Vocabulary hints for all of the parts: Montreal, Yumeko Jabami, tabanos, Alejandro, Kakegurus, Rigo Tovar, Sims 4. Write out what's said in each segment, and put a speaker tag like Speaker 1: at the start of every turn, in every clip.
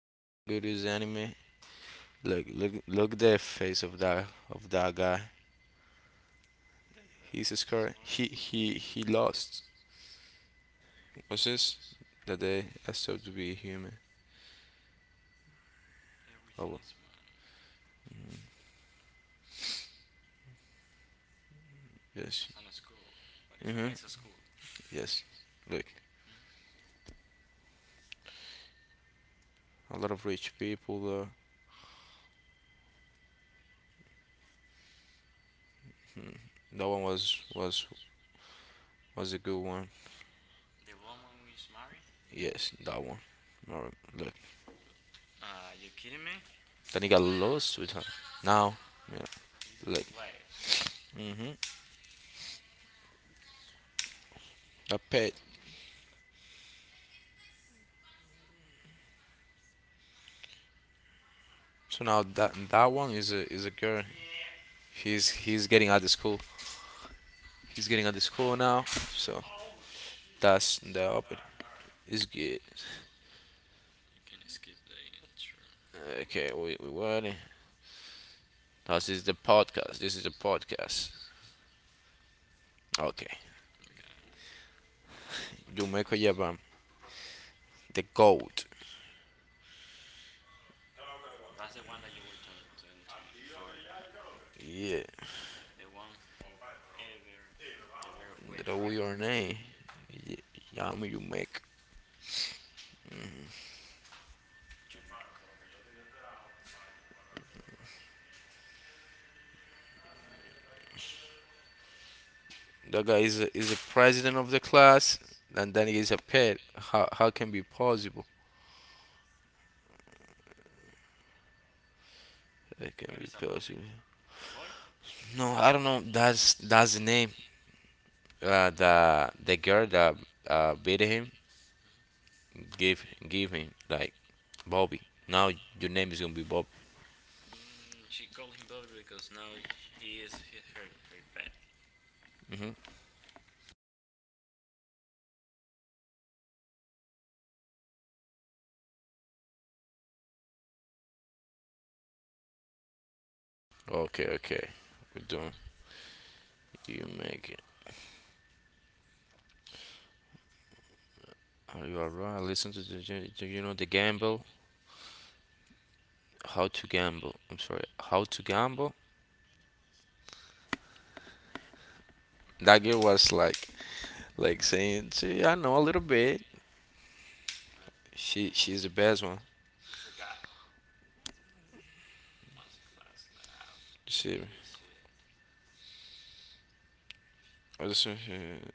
Speaker 1: the Kakegurus anime. Look, look, look the face of that guy. He's scared. He lost. What's this? That they I stopped to be human? Oh, well, yes. Hmm. Yes. Look, a lot of rich people. That one was a good one. Yes, that one. Alright, look. Then he got lost with her. Now, yeah, look. Hmm. A pet. So now that that one is a girl. He's getting out of school. He's getting out of school now. So that's the open. It's good. Okay, we ready. This is the podcast. This is the podcast. Okay. Yumeko Yabam, the goat. Yeah, that we your name. Yeah, Yami Yumeko. That guy is a president of the class, and then he is a pet. How can be possible? It can be possible. No, I don't know. That's the name. The girl that beat him give him like Bobby. Now your name is gonna be Bob. Hmm. Okay, okay. We're doing. You make it. Are you alright? Listen to the do you know the gamble. How to gamble? I'm sorry. How to gamble? That girl was like saying, "See, I know a little bit. She's the best one. See, I just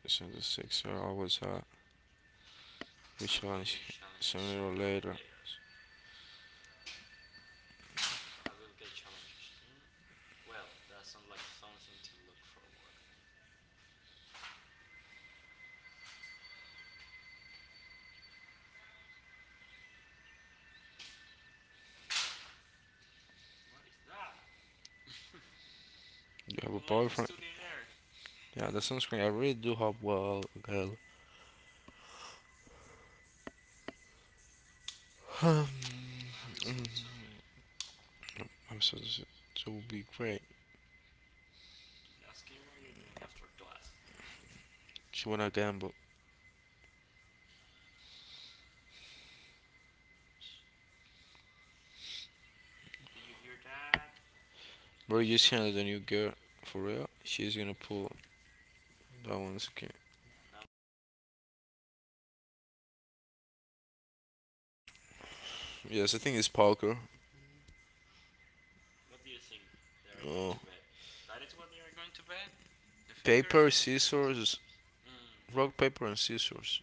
Speaker 1: so the six I always which one sooner or later. You have a boyfriend? Yeah, the sunscreen. I really do hope well, girl. I'm so will be great. She wanna gamble. Bro, you see the new girl for real? She's gonna pull that one skin. Yes, I think it's poker. Oh, paper, scissors, rock, paper, and scissors.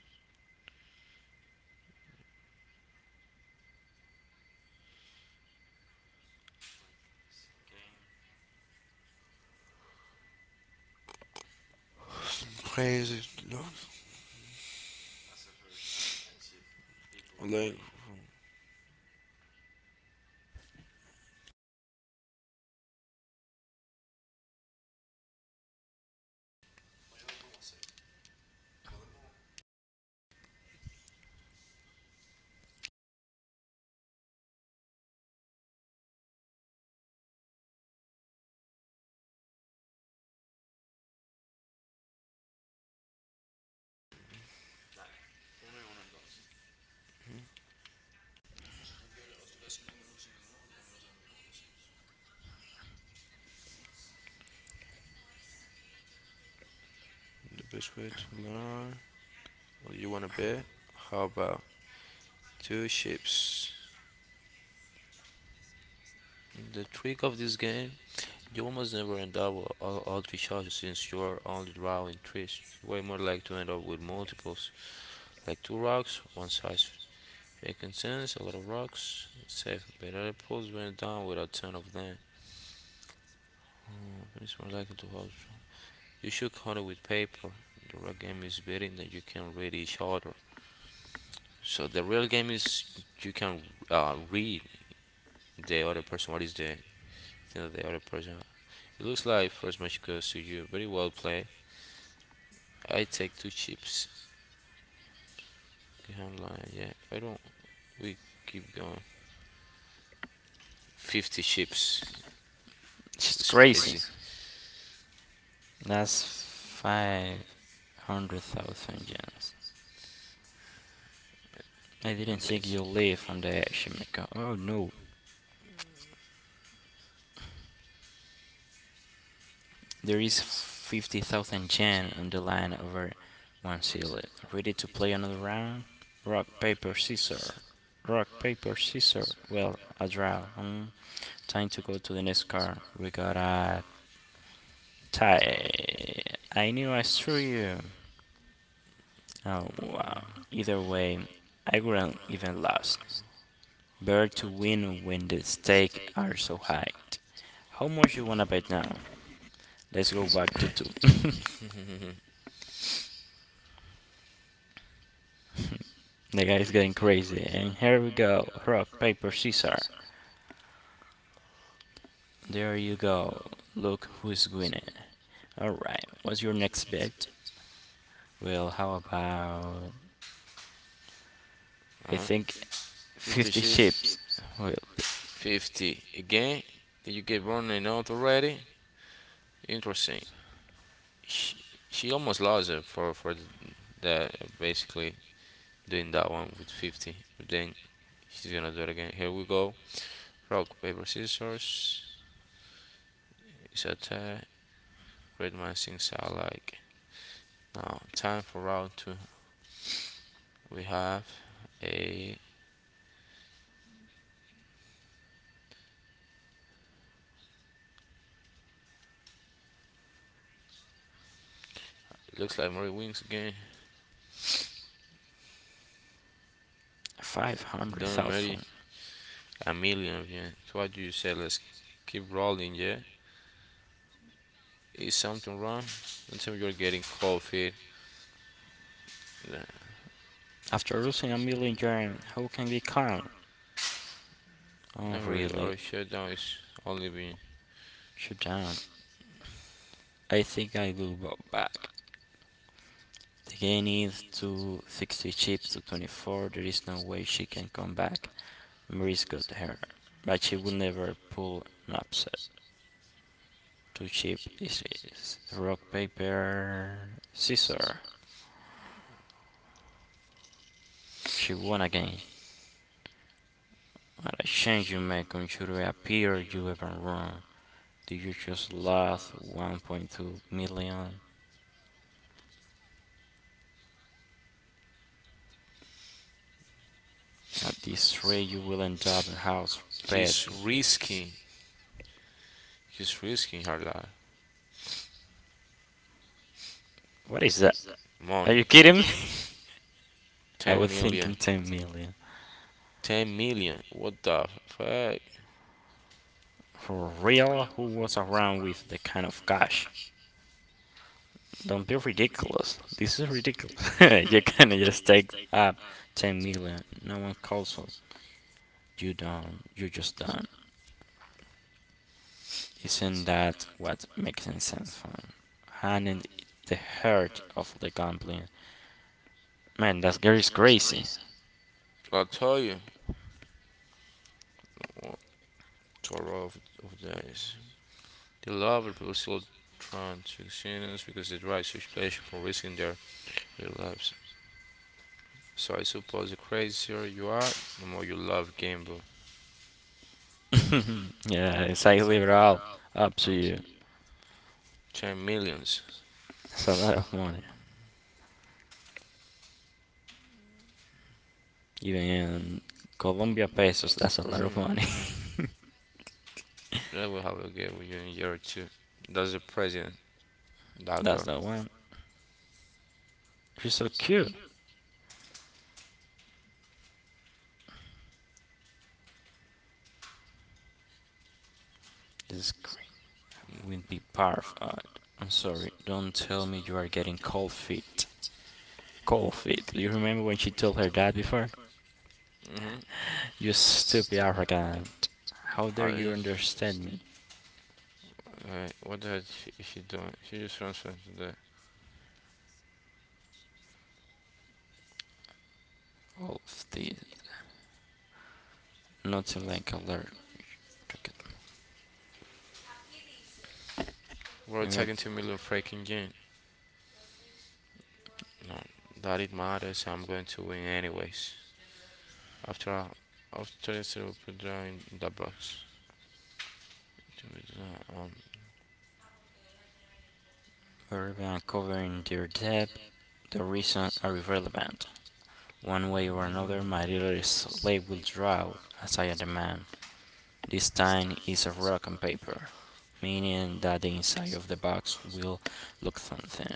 Speaker 1: Crazy love. Like the best way to learn. What do you wanna bet? How about two ships? The trick of this game. You almost never end up with all three shots since you are only drawing trees. You're way more likely to end up with multiples, like two rocks, one size. Making sense, a lot of rocks, it's safe, but other poles went down with a ton of them. But it's more likely to hold. You should count it with paper. The real game is betting that you can read each other. So the real game is you can read the other person. What is the thing that the other person? It looks like first match goes to you. Very well played. I take two chips. Yeah. I don't. We keep going. 50 ships.
Speaker 2: She's
Speaker 1: It's
Speaker 2: crazy.
Speaker 1: crazy.
Speaker 2: That's 500,000 gems. I didn't
Speaker 1: And the-
Speaker 2: think you live on the Shimeka. Oh no, there is 50,000 yen on the line over one seal. Ready to play another round? Rock, paper, scissors. Rock, paper, scissors. Well, a draw. Hmm? Time to go to the next card. We got a tie. I knew I threw you. Oh, wow. Either way, I wouldn't even lost. Better to win when the stakes are so high. How much you wanna bet now? Let's go back to two. The
Speaker 1: Mhm.
Speaker 2: guy is getting crazy. And here we go. Rock, paper, scissors. There you go. Look who's winning. Alright, what's your next bet? Well, how about. I
Speaker 1: Uh-huh.
Speaker 2: think
Speaker 1: 50
Speaker 2: 50
Speaker 1: ships.
Speaker 2: chips. Well,
Speaker 1: 50 again. Did you get running out already? Interesting. She, she almost lost it for the basically doing that one with 50. But then she's gonna do it again. Here we go. Rock paper scissors. It's a tie. Red man thinks I like. Now, time for round two. We have a looks like Murray Wings again. Done Murray
Speaker 2: 500,000.
Speaker 1: a million again. So what do you say? Let's keep rolling, yeah. Is something wrong? Until you're getting cold feet. Yeah.
Speaker 2: After losing a million yen, how can we count? Oh,
Speaker 1: Never really
Speaker 2: really?
Speaker 1: our shutdown is only been.
Speaker 2: Shut down. I think I will go back. The game is to 60 chips to 24. There is no way she can come back. Maurice got her, but she will never pull an upset. Too cheap this is this. Rock, paper, scissors. She won again. What a change you make on should appear you even wrong. Do you just lost 1.2 million? At this rate, you will end up in house pet.
Speaker 1: He's risking he's risking her life.
Speaker 2: What is that? Are
Speaker 1: Money.
Speaker 2: you kidding me? I
Speaker 1: Ten
Speaker 2: was
Speaker 1: million.
Speaker 2: thinking 10 million.
Speaker 1: 10 million. What the fuck?
Speaker 2: For real, who was around with the kind of cash? Don't be ridiculous. This is ridiculous. You can not just take up 10 million. No one calls you. You don't. You just don't. Isn't that what makes sense? Man? Handing the heart of the gambling. Man, that girl is crazy.
Speaker 1: I tell you. To a roll of dice. They love the people trying to transactions because they derive such pleasure from risking their lives. So I suppose the crazier you are, the more you love gamble.
Speaker 2: Yeah, it's like leave it all up to you.
Speaker 1: 10 millions.
Speaker 2: It's a lot of money. Even in Colombia pesos, that's a lot of money.
Speaker 1: That will have a game with you in a year or two. That's the president, that
Speaker 2: That's
Speaker 1: girl.
Speaker 2: the one. She's so cute. This is great. I wouldn't be part I'm sorry. Don't tell me you are getting cold feet. Cold feet. Do you remember when she told her dad before? You stupid arrogant. How dare you
Speaker 1: Mm-hmm.
Speaker 2: understand me?
Speaker 1: Alright, what the heck is she doing? She just transferred to the.
Speaker 2: All of this. Nothing like a letter.
Speaker 1: We're
Speaker 2: We are
Speaker 1: attacking 2 million freaking game. No, that it matters. I'm going to win anyways. after I- after instead of drawing the box. To withdraw.
Speaker 2: we're uncovering their depth. The reasons are irrelevant. One way or another, my little slave will draw as I am the man. This time is a rock and paper, meaning that the inside of the box will look something.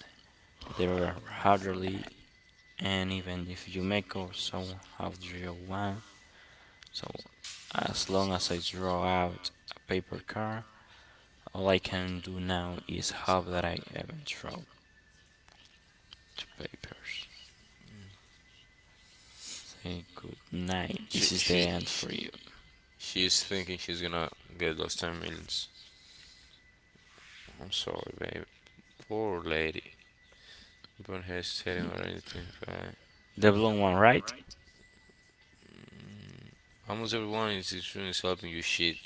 Speaker 2: There are hardly and even if you make or somehow draw one. So as long as I draw out a paper car, all I can do now is hope that I haven't drawn two papers. Say good night.
Speaker 1: she
Speaker 2: This is the
Speaker 1: she
Speaker 2: end
Speaker 1: she
Speaker 2: for you.
Speaker 1: she's thinking she's gonna get those ten millions. I'm sorry, babe. Poor lady. Don't hesitating or anything, but
Speaker 2: The blue one, right?
Speaker 1: almost everyone in this room is helping you shit.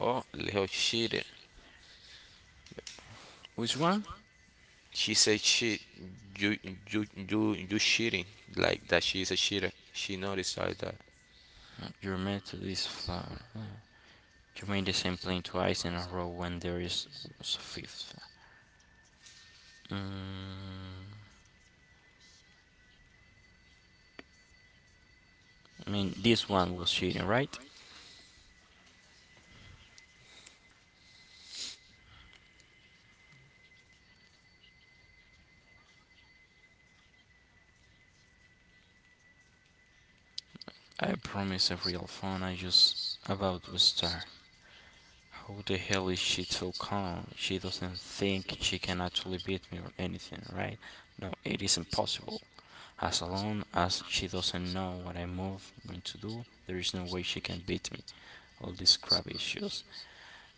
Speaker 1: Oh, Leo cheated.
Speaker 2: Which one?
Speaker 1: She said shit. You you cheating like that. She's a cheater. She noticed like that.
Speaker 2: Your method is flawed. You made the same plane twice in a row when there is was a fifth. Mm, I mean, this one was cheating, right? I promise a real phone. I just about to start. How the hell is she so calm? She doesn't think she can actually beat me or anything, right? No, it is impossible. As long as she doesn't know what I move I'm going to do, there is no way she can beat me. All these crap issues.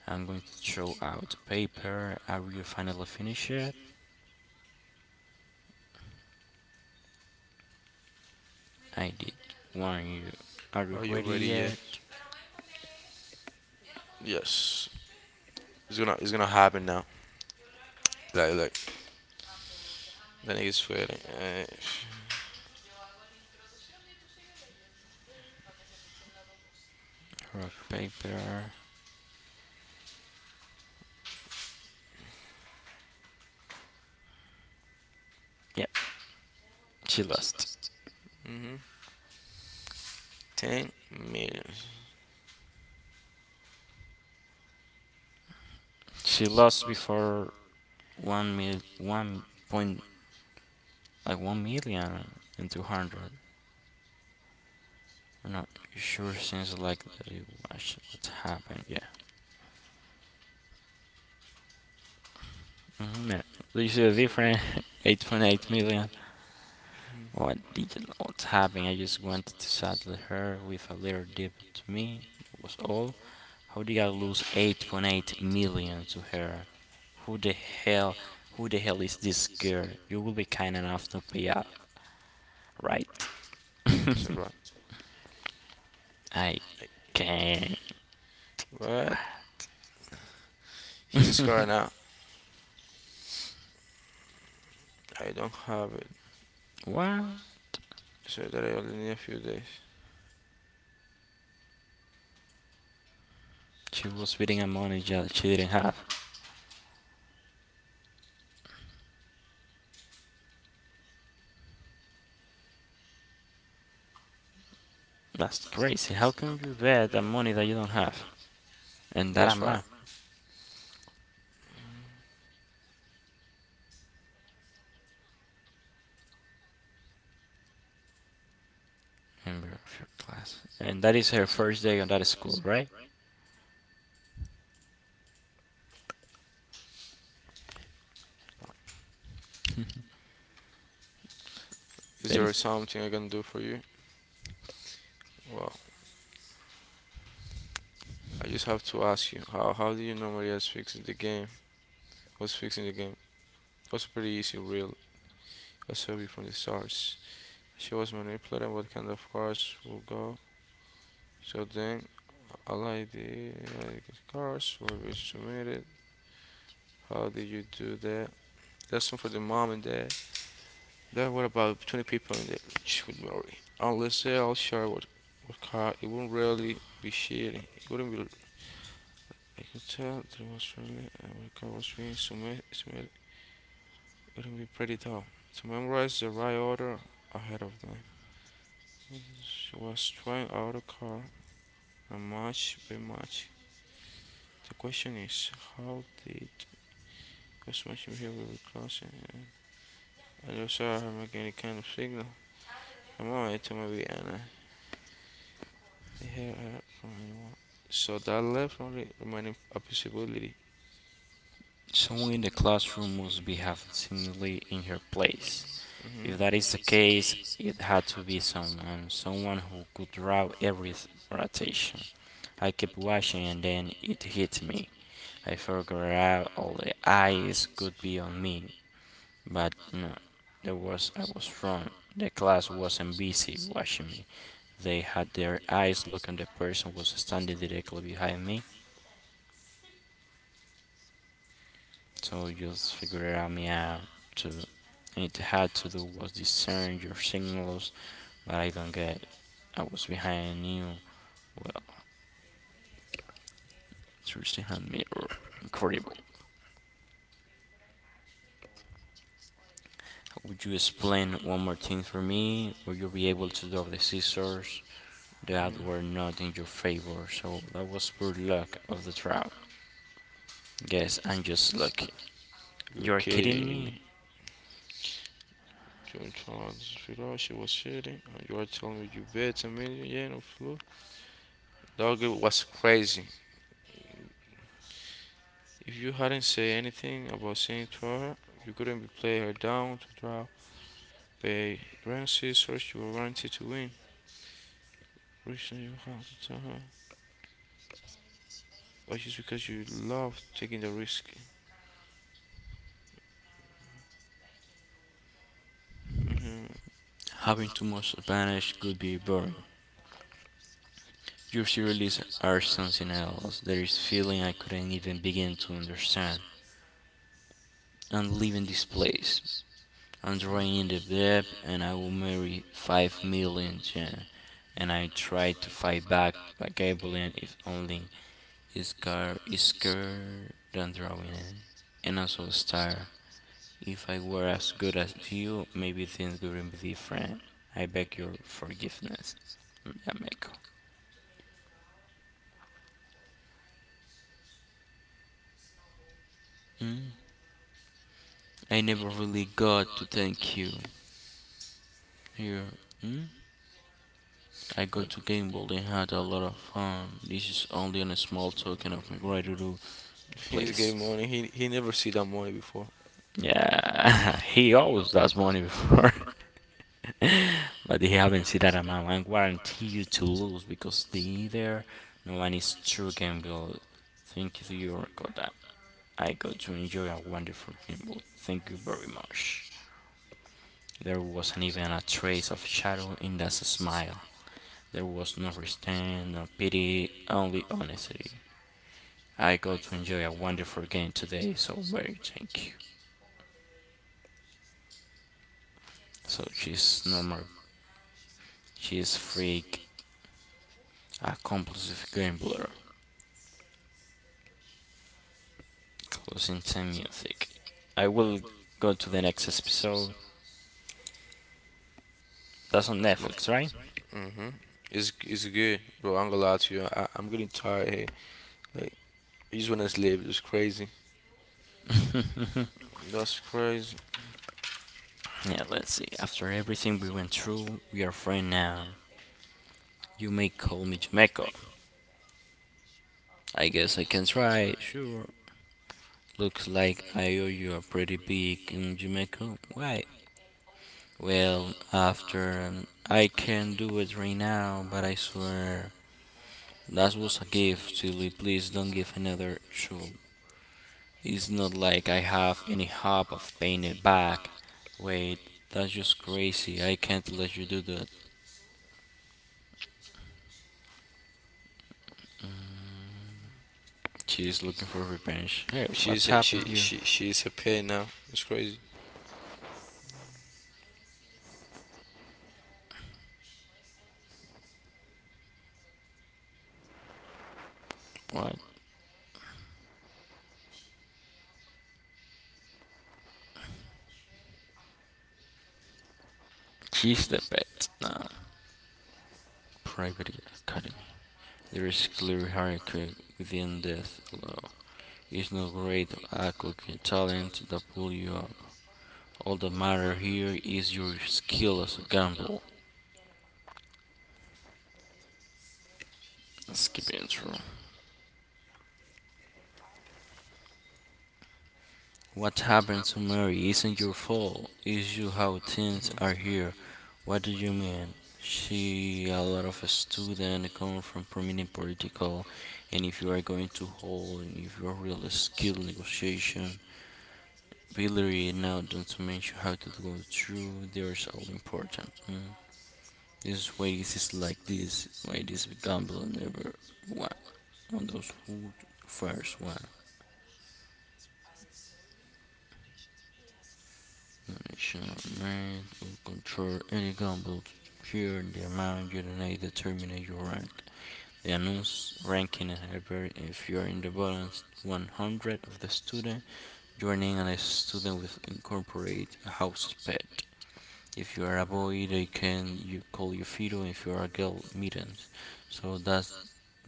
Speaker 2: I'm going to throw out the paper. Are you finally finished yet? I did warn you. Are you
Speaker 1: Are you
Speaker 2: ready
Speaker 1: ready yet?
Speaker 2: yet?
Speaker 1: Yes. It's gonna happen now. Like the niggas sweating.
Speaker 2: Rock, paper. Yep, she lost.
Speaker 1: Mm-hmm. 10 million.
Speaker 2: She lost before one mil, one point, like 1,000,200. I'm not sure. Seems like that You was what happened. Yeah. Mm-hmm. Yeah. Do you see the difference? 8.8 million. What did not happen? I just wanted to saddle her with a little dip to me. That was all. How did I lose 8.8 million to her? Who the hell, who the hell is this girl? You will be kind enough to pay up, right?
Speaker 1: So what?
Speaker 2: I can't.
Speaker 1: What? He's a scar now. I don't have it.
Speaker 2: What?
Speaker 1: So that I only need a few days.
Speaker 2: She was betting on money that she didn't have. That's crazy. How can you bet on money that you don't have? And that
Speaker 1: That's why.
Speaker 2: amount. Member of your class. And that is her first day on that school, right?
Speaker 1: Is
Speaker 2: That
Speaker 1: there
Speaker 2: is
Speaker 1: something I can do for you? Well, I just have to ask you. How do you normally as fixing the game? What's fixing the game? Was pretty easy, real. I saw you from the stars. She was manipulating what kind of cars will go. So then, all I did, like cars were submitted. How did you do that? That's one for the mom and dad. Dad, what about 20 people in the church would marry? Unless they all share what car, it wouldn't really be shitty. It wouldn't be. I could tell that it was really. What car was being submitted. It wouldn't be pretty tough to memorize the right order ahead of them. She was trying out a car and match by match. The question is, how did was much behavior with class? And I don't saw her make any kind of signal. I'm alright to maybe Anna. Here, fine, so that left only remaining a possibility.
Speaker 2: Someone in the classroom must be half-singly in her place.
Speaker 1: Hmm.
Speaker 2: If that is the case, it had to be someone who could draw every rotation. I kept watching and then it hit me. I figured out all the eyes could be on me, but no, there was I was wrong. The class wasn't busy watching me. They had their eyes look on the person who was standing directly behind me. So just figure out me out to it had to do was discern your signals, but I don't get. I was behind you. Well, Tracy had me incredible. Would you explain one more thing for me? Would you be able to drop the scissors that were not in your favor? So that was pure luck of the trial. Guess I'm just lucky.
Speaker 1: You're
Speaker 2: You're kidding
Speaker 1: kidding
Speaker 2: me?
Speaker 1: me. June Charles Vidal, she was shooting, and you are telling me you bet a million yen of flu? That girl was crazy. If you hadn't said anything about saying to her, you couldn't be play her down to draw. By Ramsey search you were guaranteed to win. Reason you have to tell her. But just because you love taking the risk. Hmm.
Speaker 2: Having too much advantage could be boring. Your theories are something else. There is feeling I couldn't even begin to understand. I'm leaving this place. I'm drawing in the debt, and I will marry 5 million yen. And I try to fight back by cabling if only his car is scared than drawing it. And also a star. If I were as good as you, maybe things wouldn't be different. I beg your forgiveness. Yameko. Mm, I never really got to thank you. Here, Hmm? I got to Gamble and had a lot of fun. This is only on a small token of my gratitude,
Speaker 1: He's
Speaker 2: please.
Speaker 1: getting money. He never see that money before.
Speaker 2: Yeah, he always does money before. But they haven't seen that amount. I guarantee you to lose because they either no one is true gamble. Thank you to your God. I got to enjoy a wonderful gamble. Thank you very much. There wasn't even a trace of shadow in that smile. There was no restraint, no pity, only honesty. I got to enjoy a wonderful game today, so very thank you. So she's normal, she's freak, a compulsive gambler, closing time music. I will go to the next episode. That's on Netflix, right?
Speaker 1: Mm-hmm. It's good, bro. I'm gonna lie to you. I'm getting tired here. Like I just wanna sleep. It's crazy.
Speaker 2: Yeah,
Speaker 1: That's crazy.
Speaker 2: let's see. After everything we went through, we are friends now. You may call me Jamaica. I guess I can try, sure. Looks like I owe you a pretty big Jamaica. Why? Well, after I can not do it right now, but I swear that was a gift, Tilly. Please don't give another show. It's not like I have any hope of paying it back. Wait, that's just crazy. I can't let you do that. She's looking for revenge. Hey, what's
Speaker 1: She's a,
Speaker 2: happening
Speaker 1: she
Speaker 2: here?
Speaker 1: she she's a pain now. It's crazy.
Speaker 2: What? She's the pet now. Private Academy. There is clear hierarchy within death alone. Is no great or athletic talent that pull you up. All that matter here is your skill as a gambler. Skipping through. What happened to Mary isn't your fault. It's you how things are here. What do you mean? She a lot of student come from prominent political and if you are going to hold if you're really skilled negotiation, Billy now don't mention how to go through there's all important. Mm. This way this is like this. Why this we never won. On those who first won. Donation made will control any gamble to secure the amount you donate determine your rank. The announce ranking in Hyper if you are in the bottom 100 of the student, you are named as a student with incorporate a house pet. If you are a boy, they can you call you Fido. If you are a girl, mittens. So that's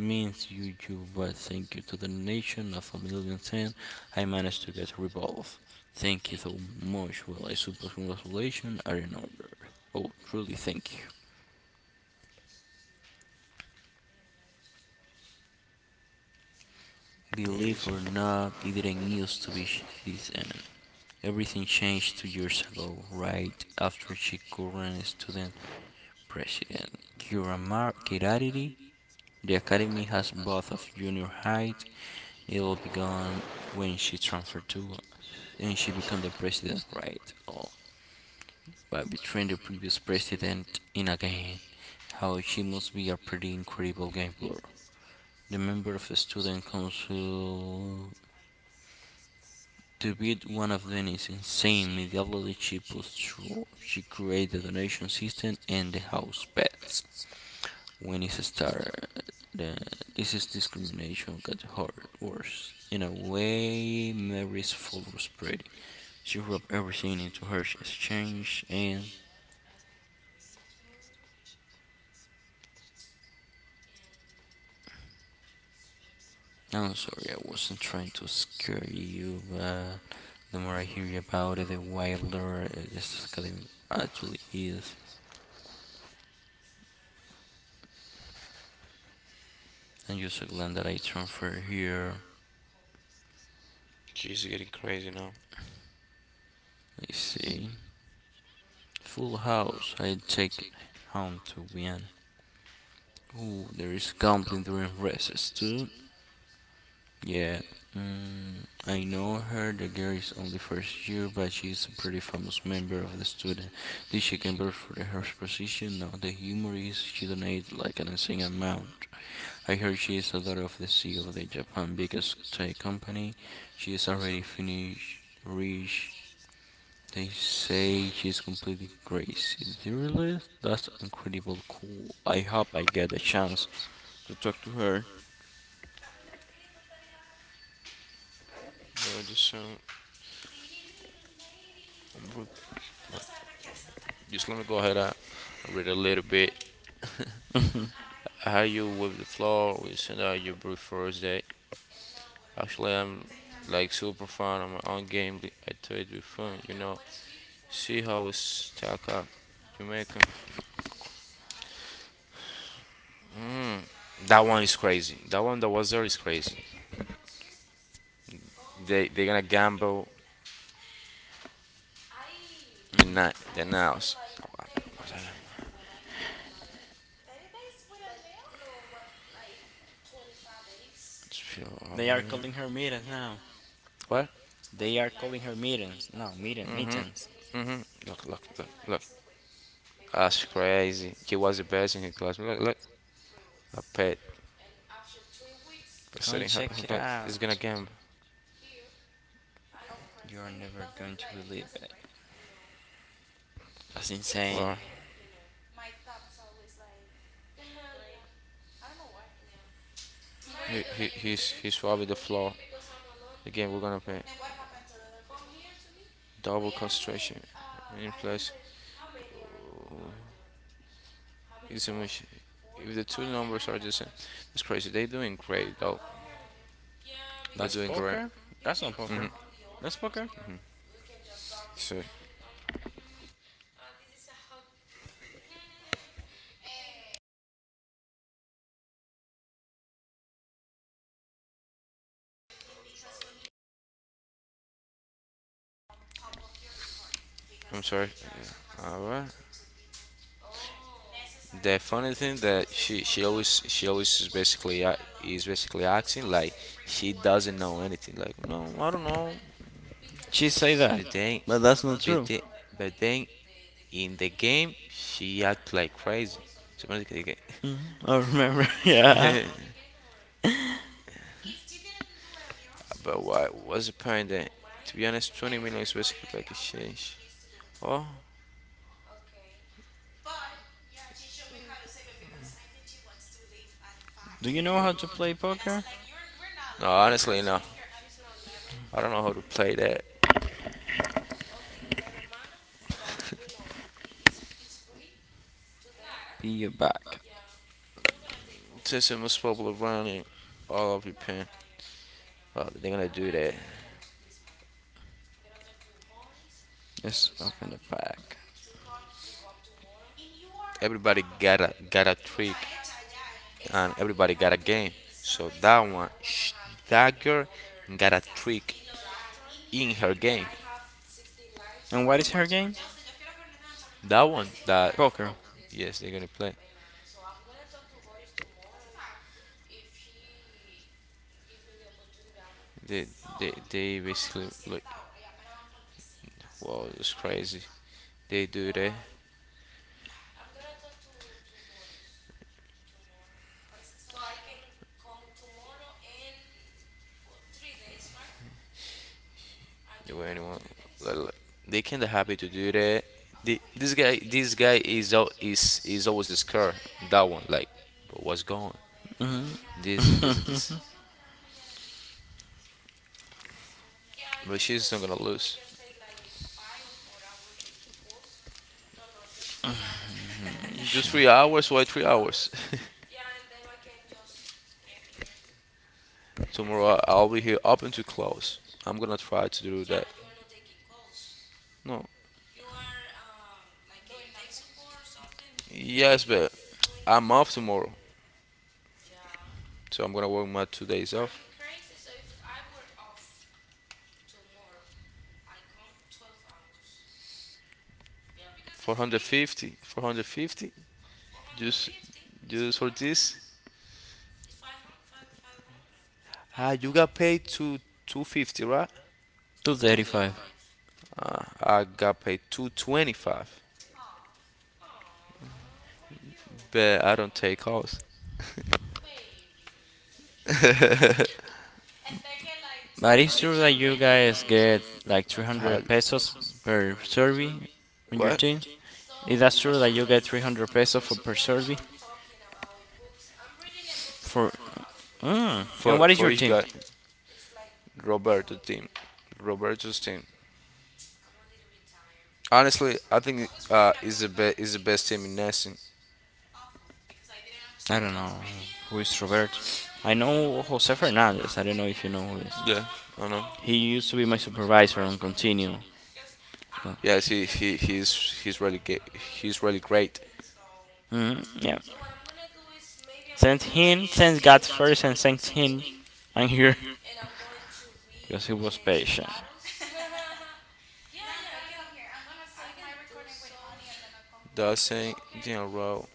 Speaker 2: means you, but thank you to the donation of a million ten. I managed to get a revolve. Thank you so much. Well, I suppose congratulations are in order. Oh, truly, thank you. Believe
Speaker 1: Crazy.
Speaker 2: or not, it didn't used to be this end. Everything changed 2 years ago, right after she current student president. Kiramar Kirariri, the academy has both of junior high It'll be gone when she transferred to and she became the president, right? Oh, by betraying the previous president in a game. How she must be a pretty incredible game player. The member of the student council to beat one of them is insane. Immediately she pushed through. She created the donation system and the house pets. When it started, then this is discrimination got hard worse. In a way, Mary's fault was pretty. She rubbed everything into her exchange and I'm sorry, I wasn't trying to scare you, but the more I hear about it, the wilder this academy actually is. And you're so glad that I transferred here.
Speaker 1: She's getting crazy now.
Speaker 2: I see. Full house, I take it home to Vienna. Ooh, there is gambling during races too. Yeah. I know her. The girl is only first year, but she is a pretty famous member of the student. Did she compete for the first position? No. The humor is she donates like an insane amount. I heard she is a daughter of the CEO of the Japan biggest tech company. She is already finished, rich. They say she's completely crazy. Really? That's incredible cool. I hope I get a chance to talk to her.
Speaker 1: Bro, just um, bro, just let me go ahead. I read a little bit. How you with the floor? We send out your brief first day. Actually, I'm like super fun on my own game. I told you before. See how we stack up. Jamaica. Mm. That one is crazy. That one that was there is crazy. They're gonna gamble at night the house.
Speaker 2: They are calling her Mira now.
Speaker 1: What?
Speaker 2: They are calling her meetings. No, meeting,
Speaker 1: Mhm,
Speaker 2: meetings.
Speaker 1: mhm. Look, look, look, look. That's crazy. He was the best in his class. Look, look. A pet
Speaker 2: Go and
Speaker 1: sitting.
Speaker 2: check it
Speaker 1: He's gonna
Speaker 2: out.
Speaker 1: gamble?
Speaker 2: You're never going to believe it. That's insane.
Speaker 1: Well, he's probably the floor. The game we're gonna play. Double concentration in place. It's a machine. If the two numbers are the same, it's crazy. They're doing great, though. They're
Speaker 2: That's
Speaker 1: doing great.
Speaker 2: poker? That's not poker.
Speaker 1: hmm
Speaker 2: That's poker?
Speaker 1: So, I'm sorry. Yeah. All right. The funny thing that she always is basically acting like she doesn't know anything. Like no, I don't know.
Speaker 2: She say that.
Speaker 1: But then,
Speaker 2: But that's not
Speaker 1: but
Speaker 2: true.
Speaker 1: then, but then in the game she act like crazy. So basically,
Speaker 2: Mhm, I remember. Yeah.
Speaker 1: okay. But what was the point then? To be honest, 20 million is basically like a change. Oh.
Speaker 2: Do you know how to play poker?
Speaker 1: No, honestly, no. I don't know how to play that.
Speaker 2: Be your back.
Speaker 1: Since it must bubble around it all over your pen. Oh, they're gonna do that.
Speaker 2: Let's open the pack.
Speaker 1: Everybody got a trick, and everybody got a game. So that girl got a trick in her game.
Speaker 2: And what is her game?
Speaker 1: That one, that
Speaker 2: Poker.
Speaker 1: Yes, they're gonna play. They they basically look. Wow, it's crazy. They do that. They were anyone. Like, like, they kinda happy to do that. The, this guy is out is always scared. That one like, but what's going? This and this and this. But she's not gonna lose. Just
Speaker 2: Shit.
Speaker 1: 3 hours? Why 3 hours? Tomorrow I'll be here open to close. I'm gonna try to do that. No. Yes, but I'm off tomorrow. So I'm gonna work my 2 days off. 450. 450? Just just for this? Ah, you got paid to 250, right?
Speaker 2: 235.
Speaker 1: I got paid 225. But I don't take calls.
Speaker 2: But it's true that you guys get like
Speaker 1: How-
Speaker 2: 300 pesos per survey on your
Speaker 1: what?
Speaker 2: team. Is that true that you get 300 pesos for per survey? For. Mm. And
Speaker 1: For
Speaker 2: what is
Speaker 1: for
Speaker 2: your
Speaker 1: each
Speaker 2: team?
Speaker 1: guy, Roberto team, Roberto's team. Honestly, I think is the best team in Nesting.
Speaker 2: I don't know who is Robert. I know Jose Fernandez. I don't know if you know who is.
Speaker 1: Yeah, I know.
Speaker 2: He used to be my supervisor on Continue. But,
Speaker 1: Yes, he he's really ga- he's really great.
Speaker 2: mhm, yeah. Sent him, sent God first, and sent him. I'm here because he was patient.
Speaker 1: That's saying you know,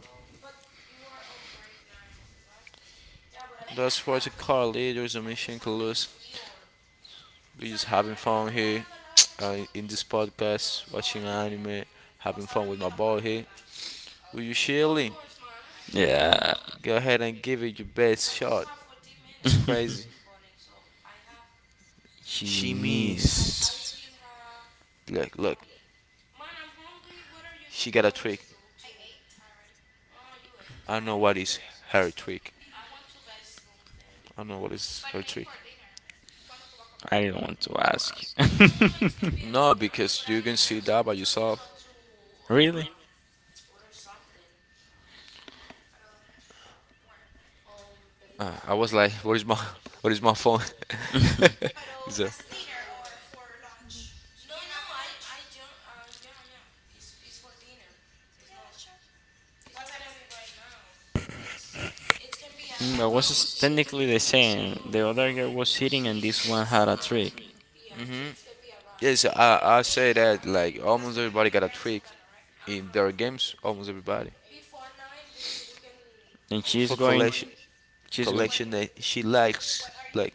Speaker 1: that's what the car leaders and Mission Kalusa. We just having fun here in this podcast, watching anime, having fun with my ball here. Will you share a link?
Speaker 2: Yeah,
Speaker 1: Go ahead and give it your best shot. It's crazy. She
Speaker 2: he missed.
Speaker 1: means. Look, look. She got a trick. I know what is her trick. I know what is her trick.
Speaker 2: I didn't want to ask.
Speaker 1: No, because you can see that by yourself.
Speaker 2: Really?
Speaker 1: I was like, "What is my, what is my phone?" So,
Speaker 2: Mm, but was technically the same. The other girl was hitting, and this one had a trick.
Speaker 1: hmm. Yes, I say that like almost everybody got a trick in their games. Almost everybody
Speaker 2: And she's
Speaker 1: for
Speaker 2: going.
Speaker 1: collection,
Speaker 2: She's going.
Speaker 1: collection that she likes, like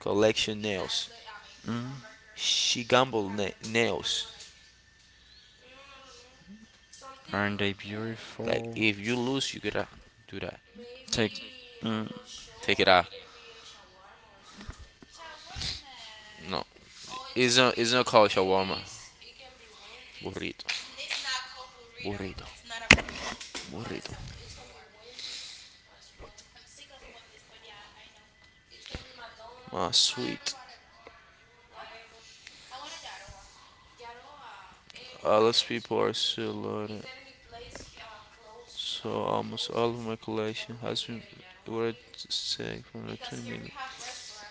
Speaker 1: collection nails. She nails.
Speaker 2: Aren't they
Speaker 1: Like
Speaker 2: beautiful?
Speaker 1: if you lose, you gotta do that.
Speaker 2: Take. Mm,
Speaker 1: Take it out. No, it's not. It's not called shawarma. Burrito. Burrito. Burrito. My sweet. Less people are still loaded, so almost all of my collection has been already taken from like 20 minutes.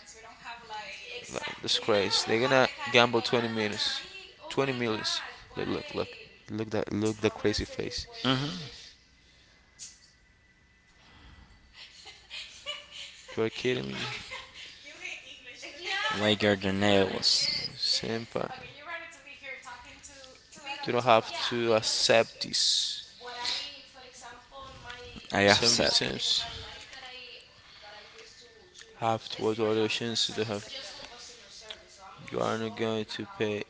Speaker 1: Like, that's crazy. They're gonna gamble 20 minutes. 20 minutes. Look, look, look. Look that, look the crazy face.
Speaker 2: hmm.
Speaker 1: You are kidding me.
Speaker 2: Laker the nails.
Speaker 1: Senpai, you don't have to accept this.
Speaker 2: I have said.
Speaker 1: Have to what other chances they have. You are not going to pay.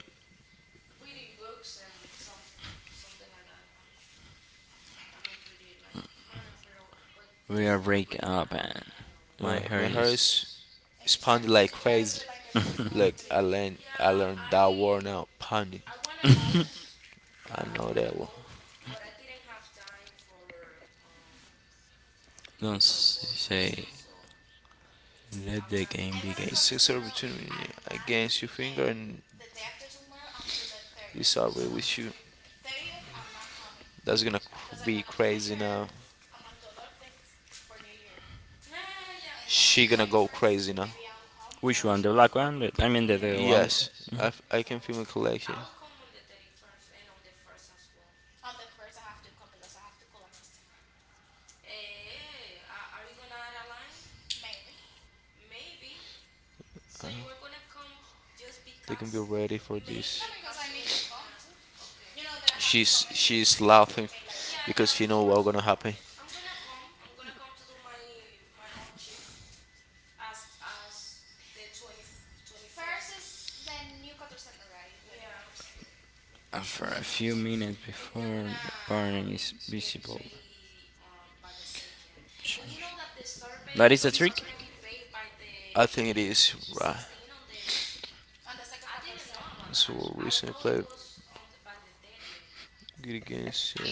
Speaker 2: We are breaking up and my hair
Speaker 1: My hair
Speaker 2: is.
Speaker 1: is pounding like crazy. Like I learned that word now. Pounding. Know that one.
Speaker 2: Don't say. Let the game begin.
Speaker 1: The sensor between against your finger and it's already with you. That's gonna be crazy now. She gonna go crazy now.
Speaker 2: Which one? The black one? The, I mean, the one.
Speaker 1: Yes,
Speaker 2: Mhm.
Speaker 1: I can film a collection. Uh, They can be ready for this. She's laughing because she know what's gonna happen.
Speaker 2: Uh, a few minutes before the burning is visible. Change. That is a trick?
Speaker 1: Think it is recently played good against. Uh,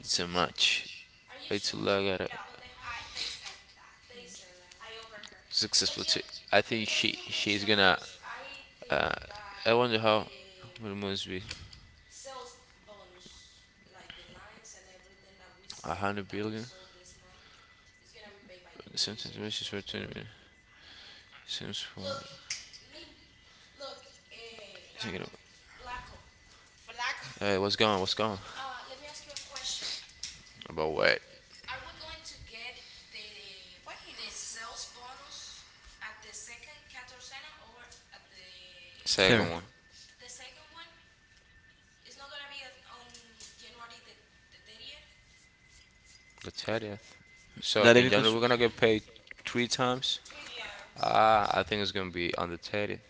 Speaker 1: It's a match. I to look at successful. I think wonder how. What it must be. Sentence which is for 20 minutes. Sims 4. Hey, what's going? What's going? About what? Are second
Speaker 2: Fair.
Speaker 1: one. The 30th. So
Speaker 2: That is
Speaker 1: in January
Speaker 2: because
Speaker 1: we're gonna get paid three times. Ah, I think it's gonna be on the 30th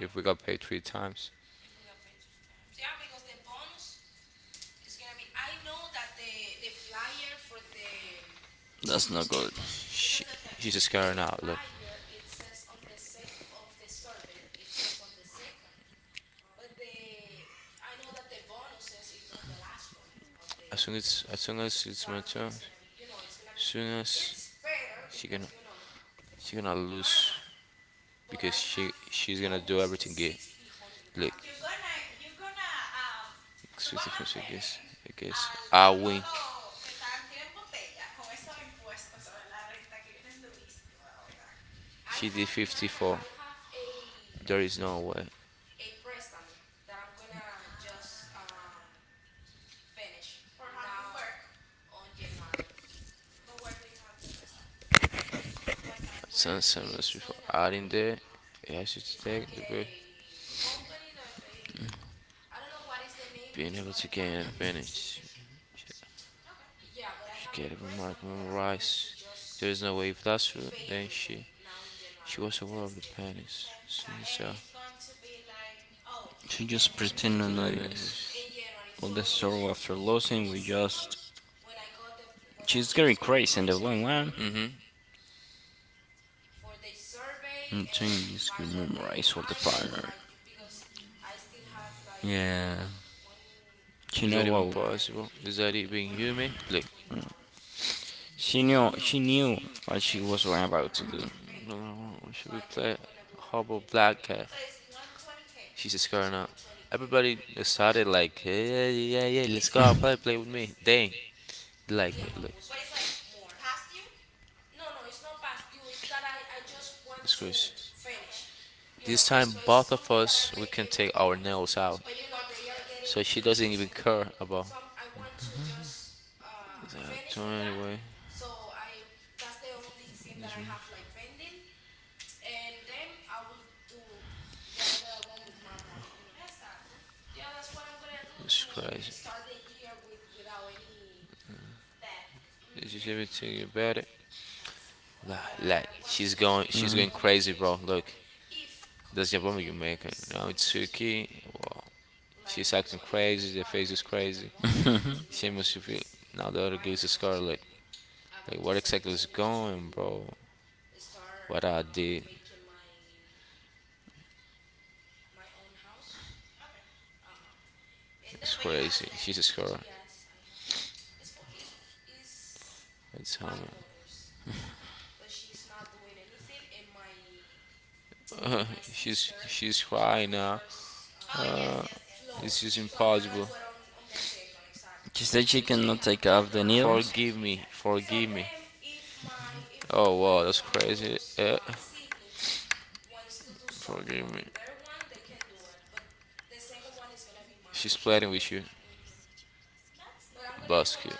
Speaker 1: if we got paid three times.
Speaker 2: that's not good.
Speaker 1: She, she's scared now. Look. As soon as it's my turn, as soon as she gonna she gonna lose because she's gonna do everything gay. Look, sweetie first, I guess I win. She did 54. There is no way. Some before adding there. Yeah, she take the break. Being able to gain advantage. She get a remark memorized. There is no way if that's true. Then she was aware of the panics. So.
Speaker 2: She just pretend to notice. All the sorrow after losing, we just. She's getting crazy in the long run.
Speaker 1: Mm-hmm.
Speaker 2: I'm saying this could memorize all the partner. Yeah. She
Speaker 1: Is
Speaker 2: know
Speaker 1: that even
Speaker 2: what.
Speaker 1: possible? Is that even human? Like,
Speaker 2: She knew what she was about to do.
Speaker 1: we should we play Hubble Black Cat? She's just going out. Everybody started like, yeah, yeah, yeah, yeah, let's go out play, with me. Dang. Like me, look. It's crazy. This time, both of us, we can take our nails out. So she doesn't even care about. Uh, so anyway, it's crazy. Did you say anything about it? Like, she's going crazy, bro. Look, that's the problem you make. Now it's Suki. Wow, she's acting crazy. The face is crazy. She must be now the other girl is Scarlet. Like, what exactly is going, bro? What I did? It's crazy. She's a scar. It's hammer. Uh, she's crying now. Uh, it's just impossible.
Speaker 2: She said she cannot take off the nails
Speaker 1: Forgive me, forgive me. Oh wow, that's crazy. Forgive me. She's playing with you. Basket.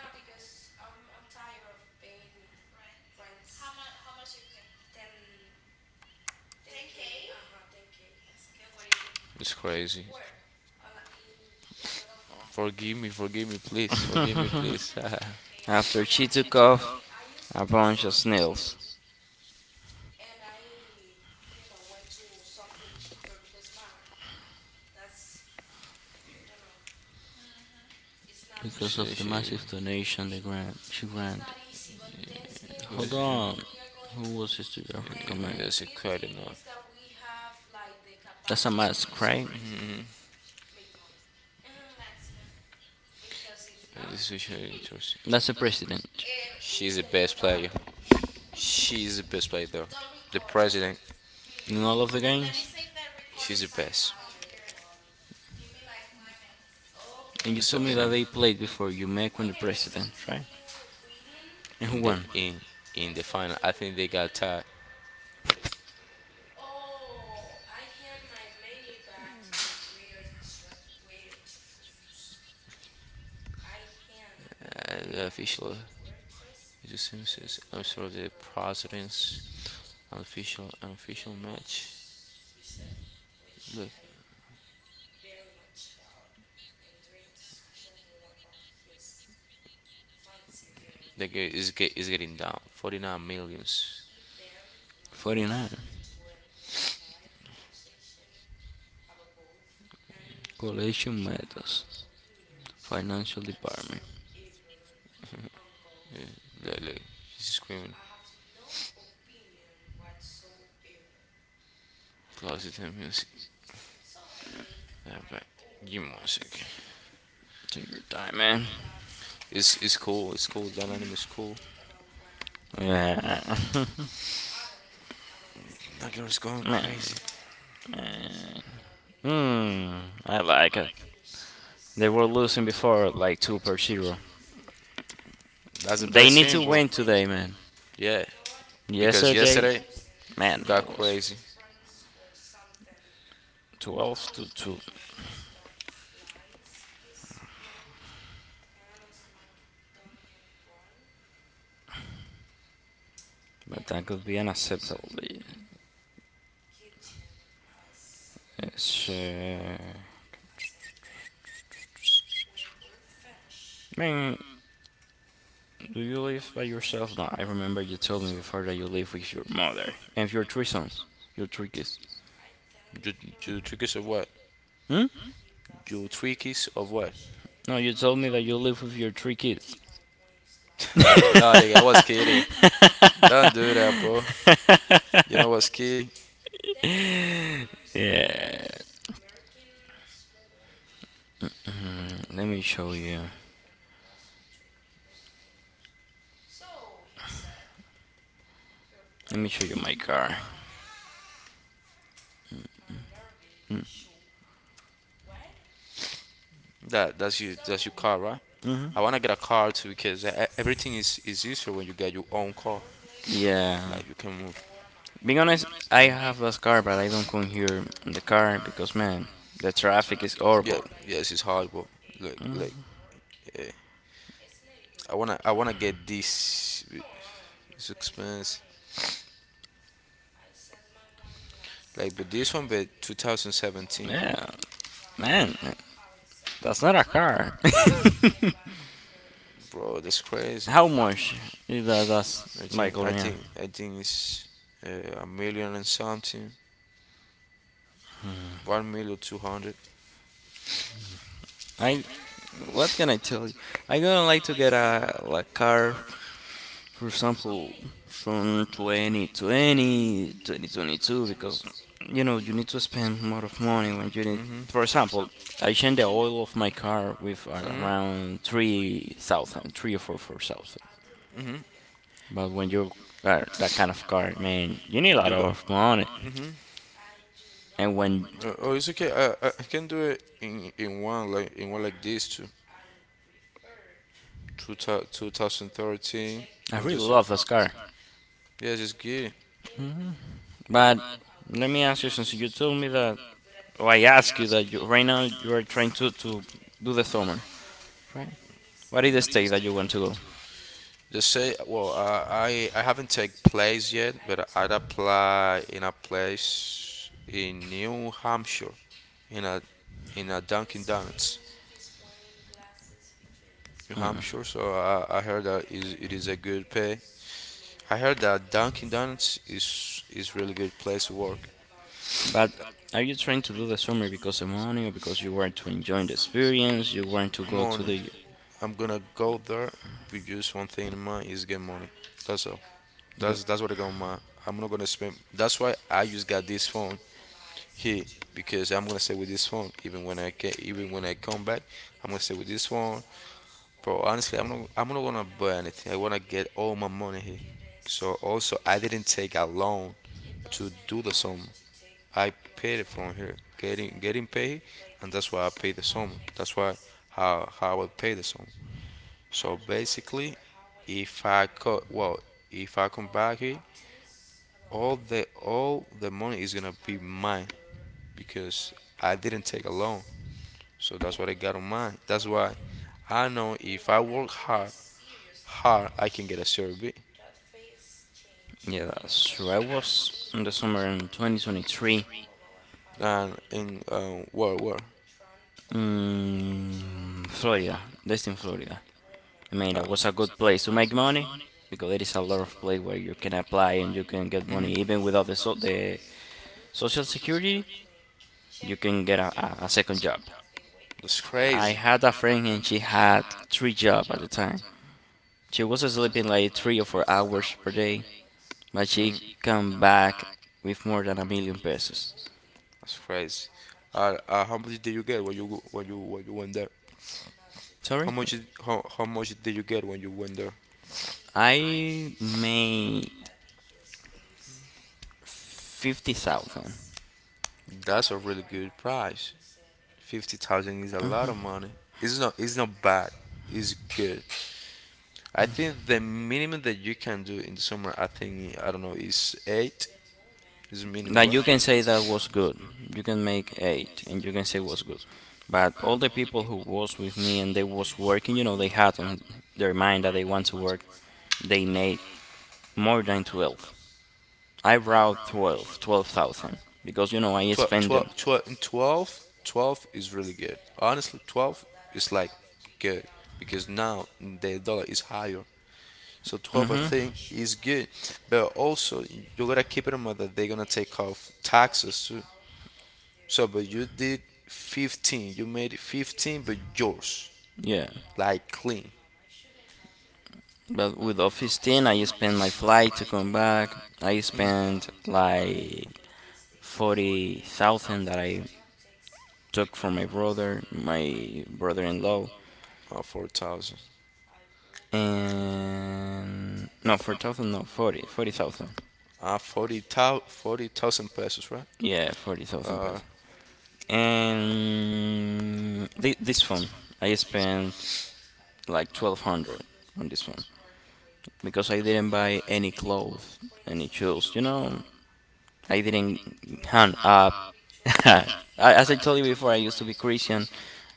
Speaker 1: It's crazy. Forgive me, please. Forgive me, please.
Speaker 2: after she took off a bunch of nails, because
Speaker 1: she,
Speaker 2: of the
Speaker 1: she,
Speaker 2: massive donation the grant she granted.
Speaker 1: yeah, who
Speaker 2: Hold
Speaker 1: is you?
Speaker 2: on, who was this to just
Speaker 1: Yeah,
Speaker 2: recommend?
Speaker 1: that's quite enough.
Speaker 2: That's a mask, right?
Speaker 1: Mhm. This is actually interesting.
Speaker 2: That's a president
Speaker 1: She's the best player. She's the best player, though. The president.
Speaker 2: in all of the games.
Speaker 1: She's the best.
Speaker 2: And you
Speaker 1: What's
Speaker 2: told me that
Speaker 1: Sabina
Speaker 2: they played before you make when the president, right? And who
Speaker 1: in the
Speaker 2: won?
Speaker 1: in in the final. I think they got tied. The official. It just seems. I'm sorry. The president's unofficial match. Look, the guy is getting down. 49 millions.
Speaker 2: 49. Collation methods. Financial department.
Speaker 1: Yeah, look, look, she's screaming. Close it. 10 minutes. But give me 1 second.
Speaker 2: Take your time, man.
Speaker 1: It's cool. It's cool. That dynamic is cool.
Speaker 2: Yeah.
Speaker 1: That girl's going
Speaker 2: Man,
Speaker 1: crazy.
Speaker 2: man. Hmm, I like it. They were losing before, like two per zero.
Speaker 1: That's the
Speaker 2: They
Speaker 1: best
Speaker 2: need
Speaker 1: thing,
Speaker 2: to
Speaker 1: bro.
Speaker 2: win today, man.
Speaker 1: Yeah, because
Speaker 2: Yesterday,
Speaker 1: yesterday we
Speaker 2: man,
Speaker 1: got
Speaker 2: that was
Speaker 1: crazy.
Speaker 2: 12 to two. But that could be unacceptable. It's, uh, man, do you live by yourself? No, I remember you told me before that you live with your mother and your three sons, your three kids.
Speaker 1: Do do tweakers of what?
Speaker 2: Hmm?
Speaker 1: Do tweakers of what?
Speaker 2: No, you told me that you live with your three kids.
Speaker 1: No, nigga, I was kidding. Don't do that, bro. You know what's kidding?
Speaker 2: Yeah. Let me show you. Let me show you my car.
Speaker 1: That that's you. That's your car, right? I wanna get a car too because everything is easier when you get your own car.
Speaker 2: Yeah.
Speaker 1: Like you can move
Speaker 2: Being honest, I
Speaker 1: I.
Speaker 2: have a car, but I don't come here in the car because, man, the traffic is
Speaker 1: Yeah,
Speaker 2: horrible.
Speaker 1: horrible. Yes, it's hard, but look, look. Yeah, I wanna get this, this expense, like, but this one, but 2017,
Speaker 2: Yeah, man, that's not a car.
Speaker 1: bro, that's crazy.
Speaker 2: How much is that? That's Michael right now.
Speaker 1: I think it's a million and something, one million two hundred.
Speaker 2: I, what can I tell you? I gonna like to get a like car, for example, from 2020 2022, because you know you need to spend more of money when you need. For example, I changed the oil of my car with around 3,000, three or four four thousand. But when you
Speaker 1: That
Speaker 2: are that kind of
Speaker 1: That
Speaker 2: car, man, you need a lot
Speaker 1: You got,
Speaker 2: of money. And when
Speaker 1: Oh, it's okay. I can do it in one like this too. 2013
Speaker 2: I
Speaker 1: and
Speaker 2: really
Speaker 1: this. Year.
Speaker 2: love this car,
Speaker 1: Yes, it's good.
Speaker 2: but let me ask you, since you told me that, or I asked you that, you right now you are trying to do the summer, right? What is the state that you want to go?
Speaker 1: Just say well, I haven't take place yet, but I'd apply in a place in New Hampshire, in a in a Dunkin' Donuts, New
Speaker 2: Mm.
Speaker 1: Hampshire. So I heard that is it is a good pay. I heard that Dunkin' Donuts is really good place to work.
Speaker 2: But are you trying to do the summer because of money or because you want to enjoy the experience? You want to go to
Speaker 1: Money.
Speaker 2: the.
Speaker 1: I'm gonna go there with just one thing in mind is get money. That's all.
Speaker 2: Go,
Speaker 1: That's what I got in mind. I'm not gonna spend. That's why I just got this phone here because I'm gonna stay with this phone even when I can. Even when I come back, I'm gonna stay with this phone. Bro, honestly, I'm not gonna buy anything. I wanna get all my money here. So also, I didn't take a loan to do the summer. I paid it from here, getting paid, and that's why I paid the summer. That's why how I pay the summer. So basically, if I co- well, if I come back here, all the money is gonna be mine because I didn't take a loan. So that's what I got on mine. That's why I know if I work hard how I can get a survey
Speaker 2: yeah, that's true. I was in the summer in 2023
Speaker 1: and in where?
Speaker 2: in Florida, Destin, Florida. I mean,
Speaker 1: Uh,
Speaker 2: that was a good place to make money because there is a lot of place where you can apply and you can get
Speaker 1: hmm.
Speaker 2: money even without the social security. You can get a second job.
Speaker 1: That's
Speaker 2: I
Speaker 1: crazy.
Speaker 2: had a friend and she had three jobs at the time. She was sleeping like 3 or 4 hours per day. But she
Speaker 1: Mhm.
Speaker 2: come back with more than a million pesos.
Speaker 1: That's crazy. How much did you get when you when you when you went there?
Speaker 2: Sorry?
Speaker 1: How much did you get when you went there?
Speaker 2: I made 50,000.
Speaker 1: That's a really good price. 50,000 is a lot of money. It's not bad. It's good. I think the minimum that you can do in the summer, I think I don't know, is eight. Doesn't mean
Speaker 2: That
Speaker 1: what?
Speaker 2: you can say that was good. You can make 8 and you can say was good. But all the people who was with me and they was working, you know, they had on their mind that they want to work, they made more than 12. I brought 12, 12,000 because you know I
Speaker 1: 12,
Speaker 2: spend them.
Speaker 1: 12, 12, 12, is really good. Honestly, 12 is like good because now the dollar is higher. So 12, I
Speaker 2: Mhm.
Speaker 1: think, is good. But also, you gotta keep it in mind that they're gonna take off taxes too. So, but you did 15, you made 15, but yours,
Speaker 2: Yeah.
Speaker 1: like clean,
Speaker 2: But with Office 10, I spent my flight to come back. I spent like 40,000 that I took from my brother, my brother-in-law.
Speaker 1: 4,000.
Speaker 2: And no, 4,000, no, 40, 40,000.
Speaker 1: 40,000 pesos, right?
Speaker 2: Yeah, 40,000
Speaker 1: Uh,
Speaker 2: pesos. And this phone, I spent like 1,200 on this phone because I didn't buy any clothes, any shoes, you know, I didn't. Hang up. As I told you before, I used to be Christian.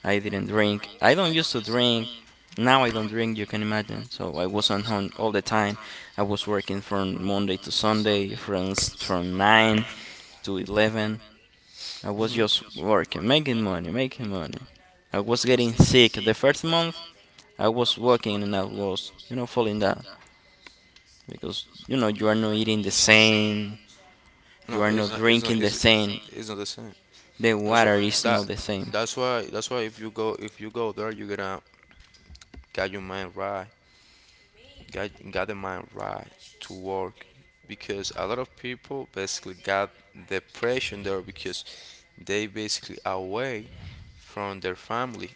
Speaker 2: I didn't drink. I don't used to drink. Now I don't drink. You can imagine. So I was on home all the time. I was working from Monday to Sunday, from 9 to 11. I was just working, making money, making money. I was getting sick. The first month, I was working and I was, you know, falling down because you know you are not eating the same, you
Speaker 1: No,
Speaker 2: are
Speaker 1: Where it's
Speaker 2: not
Speaker 1: where not. It's
Speaker 2: drinking
Speaker 1: not.
Speaker 2: the
Speaker 1: It's, everything's the
Speaker 2: same.
Speaker 1: same. It's not the same.
Speaker 2: The
Speaker 1: The That's what.
Speaker 2: water is
Speaker 1: That.
Speaker 2: not
Speaker 1: Same.
Speaker 2: the same.
Speaker 1: That's why. That's why. If you go. If you go there, you're gonna get your mind right. Get got The mind right to work, because a lot of people basically got depression there because they basically away from their family.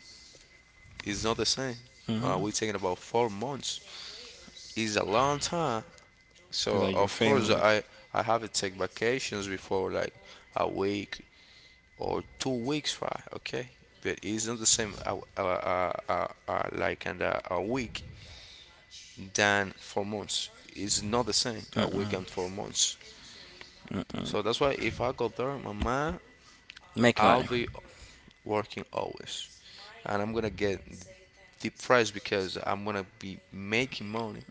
Speaker 1: It's not the same.
Speaker 2: Mhm.
Speaker 1: We're talking about 4 months. It's a long time. So
Speaker 2: Like your
Speaker 1: of course
Speaker 2: family.
Speaker 1: I have to take vacations before like a week or 2 weeks, right? Okay, but it's not the same. Like and a week than 4 months. It's not the same. A week
Speaker 2: Mm-mm.
Speaker 1: and 4 months. So that's why if I go there, mama,
Speaker 2: Make
Speaker 1: I'll
Speaker 2: money.
Speaker 1: be working always, and I'm gonna get depressed because I'm gonna be making money,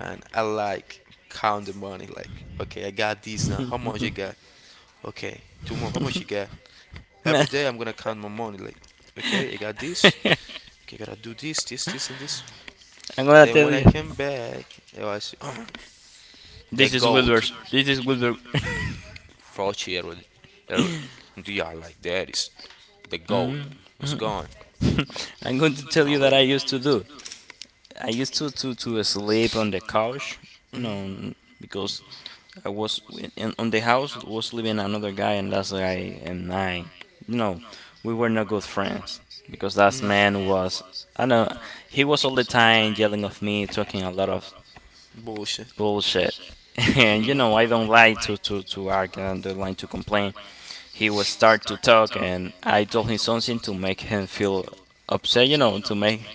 Speaker 1: and I like count the money. Like, okay, I got this now. How much I got? Okay, tomorrow, how much you got?
Speaker 2: I'm
Speaker 1: Every day I'm gonna count my money. Like, okay, I got this. Okay, gotta do this, this, this, and this.
Speaker 2: gonna
Speaker 1: Then
Speaker 2: tell
Speaker 1: when I
Speaker 2: you.
Speaker 1: came back, it was the
Speaker 2: This is Wilbur.
Speaker 1: goat.
Speaker 2: This is Wilbur.
Speaker 1: Fauci already, er, yeah, like that is the goat
Speaker 2: Mhm.
Speaker 1: was gone.
Speaker 2: I'm going to
Speaker 1: You
Speaker 2: tell
Speaker 1: know,
Speaker 2: you that I used
Speaker 1: like,
Speaker 2: to do. I used to sleep on the couch. You know, because I was on the house was living another guy, and that's guy and I, you know, we were not good friends because that man
Speaker 1: mm.
Speaker 2: was, I know, he was all the time yelling at me, talking a lot of
Speaker 1: Bullshit.
Speaker 2: bullshit, and you know, I don't like to argue and don't like to complain. He was start to talk, and I told him something to make him feel upset, you know, to make.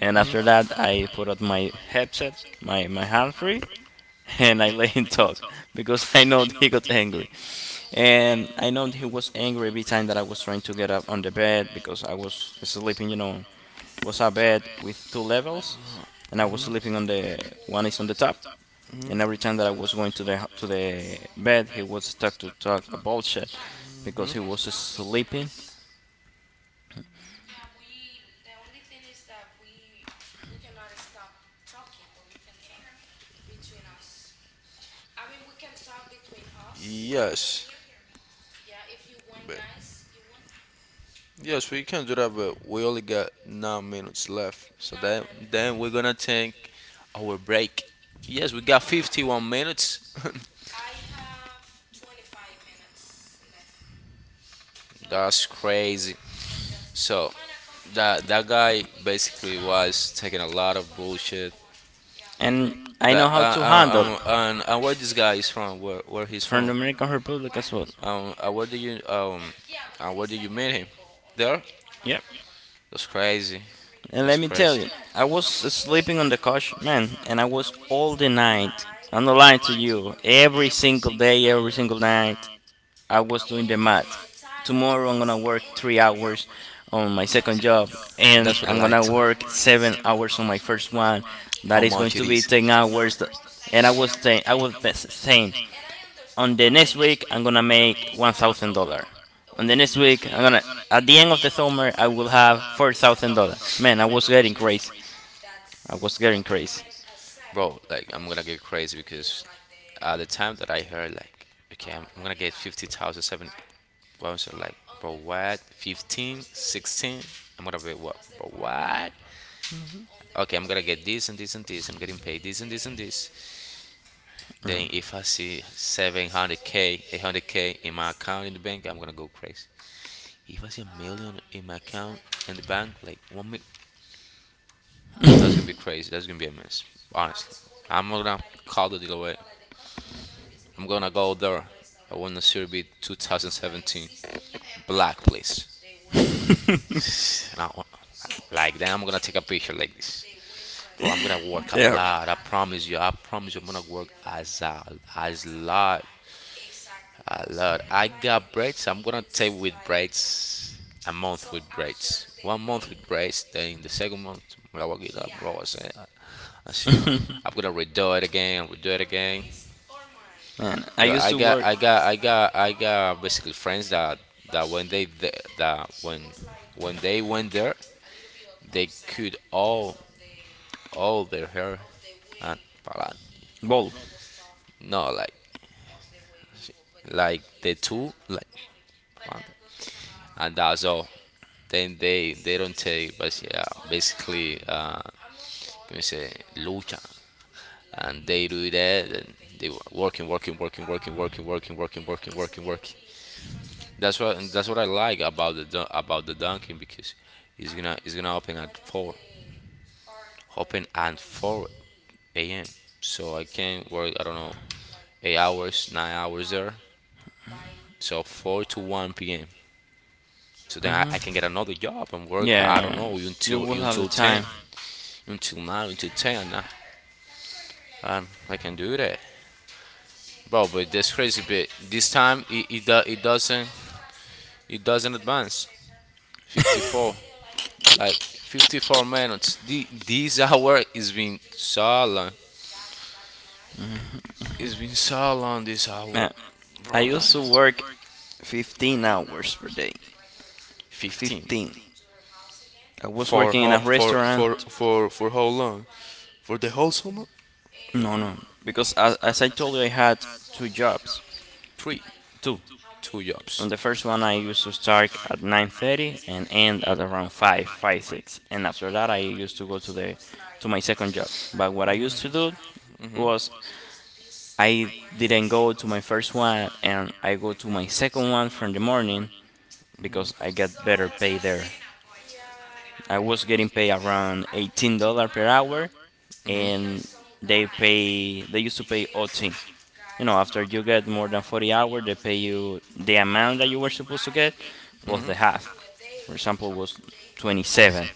Speaker 2: And after that, I put out my headset, my hand free, and I let him talk because I know he got angry. And I know he was angry every time that I was trying to get up on the bed because I was sleeping, you know, was a bed with two levels and I was sleeping on the one is on the top. And every time that I was going to the bed, he was stuck to talk bullshit because he was sleeping.
Speaker 1: Yes, But- Yes, we can do that, but we only got 9 minutes left. So then we're gonna take our break. Yes, we got 51 minutes. That's crazy. So that guy basically was taking a lot of bullshit.
Speaker 2: And I know
Speaker 1: That
Speaker 2: how to handle
Speaker 1: and where this guy is from? Where he's
Speaker 2: from the
Speaker 1: from?
Speaker 2: American Republic as well.
Speaker 1: Where do you where do you meet him? There?
Speaker 2: Yeah.
Speaker 1: That's crazy.
Speaker 2: And
Speaker 1: That's
Speaker 2: let me tell
Speaker 1: crazy.
Speaker 2: you, I was sleeping on the couch, man, and I was all the night. I'm not lying to you. Every single day, every single night, I was doing the math. Tomorrow, I'm gonna work 3 hours on my second job, and
Speaker 1: That's what I
Speaker 2: I'm
Speaker 1: like
Speaker 2: gonna
Speaker 1: to.
Speaker 2: work 7 hours on my first one. That
Speaker 1: How
Speaker 2: is going
Speaker 1: much it
Speaker 2: to be
Speaker 1: is,
Speaker 2: 10 hours. And I was saying, saying, on the next week I'm gonna make $1,000. On the next week I'm gonna, at the end of the summer I will have $4,000. Man, I was getting crazy. I was getting crazy.
Speaker 1: bro? Like I'm gonna get crazy because at the time that I heard like, okay, I'm gonna get 50,007. Well, I said, like, bro, what? 1516 I'm gonna be what? Bro, what? Okay, I'm gonna get this and this and this. I'm getting paid this and this and this. Then if I see 700k, 800k in my account in the bank, I'm gonna go crazy. If I see a million in my account in the bank, that's gonna be crazy. That's gonna be a mess. Honestly, I'm not gonna call the deal away. I'm gonna go there. I want the series be 2017 black, please. Now, like then I'm gonna take a picture like this. Bro, I'm gonna work a
Speaker 2: There,
Speaker 1: lot. I promise you. I promise you. I'm gonna work as a as lot a lot. I got braids. I'm gonna take with braids a month with braids. 1 month with braids. Then the second month, I will get up. Bro, I said, let's see. I'm gonna redo it again. Redo it again.
Speaker 2: man. I
Speaker 1: Yo,
Speaker 2: used
Speaker 1: I
Speaker 2: to
Speaker 1: got,
Speaker 2: work
Speaker 1: I got, I got, I got basically friends that that when they th- that when when they went there, they could all their hair and palan.
Speaker 2: ball.
Speaker 1: No, like the two like palan, and that's all. Then they don't take, but yeah, basically, can we say lucha? And they do that and they working working working working working working working working working working. That's what, and that's what I like about the about the dunking, because it's gonna open at 4, open at 4 a.m., so I can work, I don't know, 8 hours, 9 hours there, so 4 to 1 p.m. So then I can get another job and work. Yeah. I don't
Speaker 2: Yeah,
Speaker 1: know,
Speaker 2: you
Speaker 1: until
Speaker 2: will have the
Speaker 1: 10,
Speaker 2: time.
Speaker 1: until 9, until 10. And I can do that, bro, but that's crazy. But this time it doesn't. It doesn't advance. 54, like 54 minutes. This hour is been so long. It's been so long this hour,
Speaker 2: Man, I
Speaker 1: bro.
Speaker 2: used to work 15 hours per day.
Speaker 1: 15.
Speaker 2: 15. I was
Speaker 1: For
Speaker 2: working in
Speaker 1: how
Speaker 2: a
Speaker 1: for for
Speaker 2: restaurant.
Speaker 1: for for how long? For the whole summer?
Speaker 2: No, no, because as I told you, I had two jobs.
Speaker 1: Three,
Speaker 2: Two,
Speaker 1: two
Speaker 2: on
Speaker 1: jobs.
Speaker 2: the first one, I used to start at 9:30 and end at around 5, 5 6, and after that, I used to go to my second job. But what I used to do was I didn't go to my first one, and I go to my second one from the morning because I get better pay there. I was getting paid around $18 per hour, and they used to pay OT. You know after you get more than 40 hours they pay you the amount that you were supposed to get plus the half. For example, it was 27,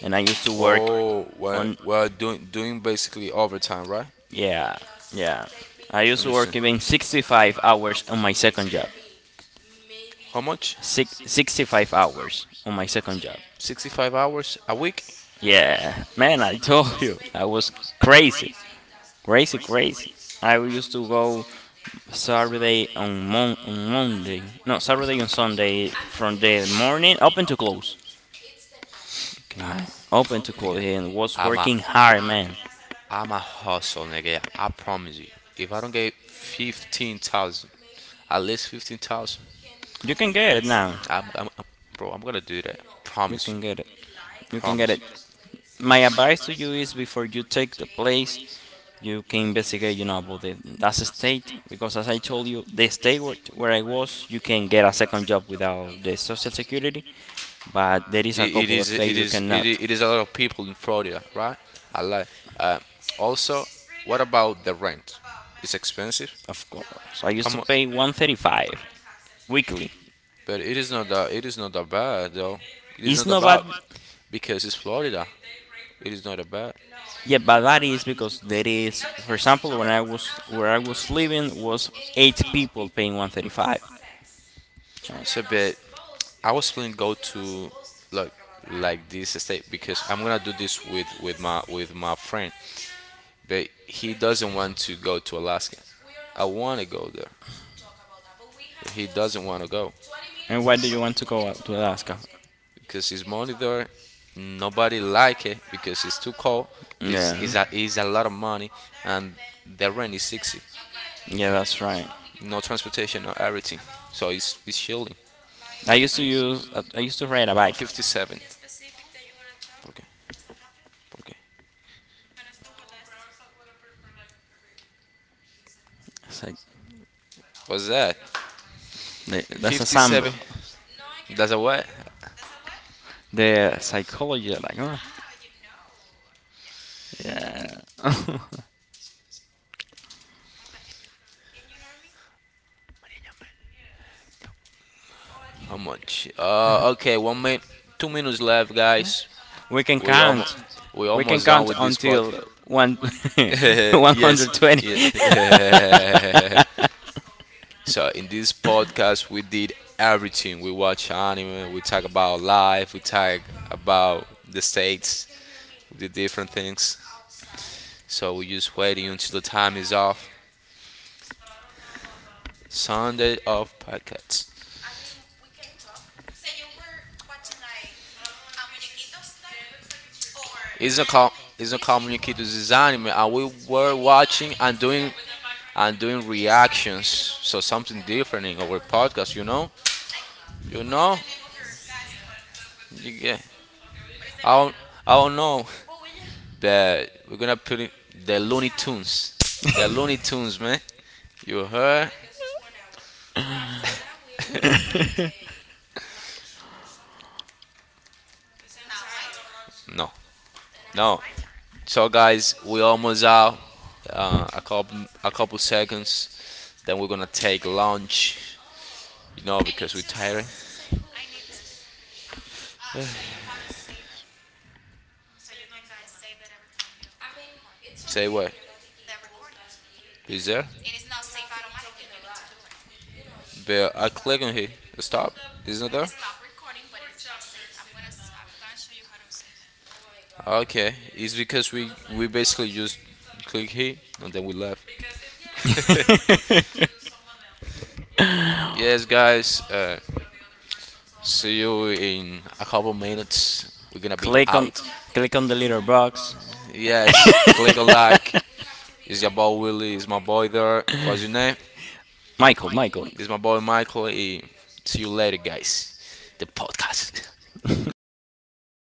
Speaker 2: and I used to work
Speaker 1: Oh,
Speaker 2: on,
Speaker 1: we're doing basically overtime, right?
Speaker 2: yeah, yeah, I used to work
Speaker 1: Understand?
Speaker 2: even 65 hours on my second job.
Speaker 1: How much?
Speaker 2: Sixty five hours on my second job,
Speaker 1: 65 hours a week?
Speaker 2: yeah, man, I told you I was crazy, crazy, crazy. I used to go Saturday on, on Monday, no, Saturday on Sunday from the morning up until close. Can imagine. Open to call
Speaker 1: Nigga,
Speaker 2: here and was
Speaker 1: I'm a
Speaker 2: working hard, man.
Speaker 1: I'm a hustle, nigga. I promise you. If I don't get 15,000, at least 15,000,
Speaker 2: You can get it now.
Speaker 1: I'm, I'm, I'm- bro, I'm gonna do that.
Speaker 2: You
Speaker 1: Promise you.
Speaker 2: can get it. You can get
Speaker 1: Promise
Speaker 2: it.
Speaker 1: you.
Speaker 2: My advice to you is before you take the place, you can investigate, you know, about the, that's a state, because as I told you, the state where I was, you can get a second job without the social security, but there is a couple of
Speaker 1: It
Speaker 2: things you
Speaker 1: is.
Speaker 2: cannot.
Speaker 1: It is a lot of people in Florida, right? I like. Uh, Also, what about the rent? It's expensive.
Speaker 2: Of course, I
Speaker 1: How
Speaker 2: used to
Speaker 1: much?
Speaker 2: pay 135 weekly.
Speaker 1: But it is not that. It is not that bad, though. It is
Speaker 2: It's
Speaker 1: not that
Speaker 2: not bad.
Speaker 1: bad because it's Florida. It is not that bad.
Speaker 2: Yeah, but that is because there is, for example, when I was where I was living was eight people paying 135. Yes.
Speaker 1: So, but I was planning to go to like like this estate, because I'm gonna do this with with my friend, but he doesn't want to go to Alaska. I want to go there, but he doesn't want to go,
Speaker 2: And why do you want to go out to Alaska?
Speaker 1: because his money there. Nobody like it because it's too cold.
Speaker 2: Yeah,
Speaker 1: It's a lot of money, and the rent is 60.
Speaker 2: yeah, that's right.
Speaker 1: No transportation, no everything. So it's chilling.
Speaker 2: I used to use, I used to ride a
Speaker 1: Oh,
Speaker 2: bike.
Speaker 1: 57. Okay, okay.
Speaker 2: It's like,
Speaker 1: What's that?
Speaker 2: that's a
Speaker 1: 57.
Speaker 2: sample.
Speaker 1: That's a what?
Speaker 2: The psychology, like, oh, yeah.
Speaker 1: How much? Okay, 1 minute, 2 minutes left, guys.
Speaker 2: We can
Speaker 1: We almost,
Speaker 2: count.
Speaker 1: we
Speaker 2: We can
Speaker 1: almost done
Speaker 2: count
Speaker 1: with this pod.
Speaker 2: until one,
Speaker 1: Yes.
Speaker 2: 120.
Speaker 1: Yeah. So in this podcast, we did everything. We watch anime. We talk about life. We talk about the states, the different things. So we just waiting until the time is off. Sunday of podcasts. It's a com, it's a called Muñequitos. It's anime, and we were watching and doing reactions. So something different in our podcast, you know. You get. I don't, I don't know, but we're gonna put it. The Looney Tunes. The Looney Tunes, man. You heard? No, no. So guys, we almost out. A couple seconds. Then we're gonna take lunch. You know, because we're tired. Say what? Is there? But I click on here. Stop. Isn't there? Okay. It's because we basically just click here and then we left. Yes, guys. See you in a couple minutes. We're gonna be
Speaker 2: click on
Speaker 1: out.
Speaker 2: Click on the little box.
Speaker 1: Yes, click on like. It's your boy Willie. It's my boy there. What's your name?
Speaker 2: Michael, Michael,
Speaker 1: It's my boy Michael. Eh, see you later, guys. The podcast.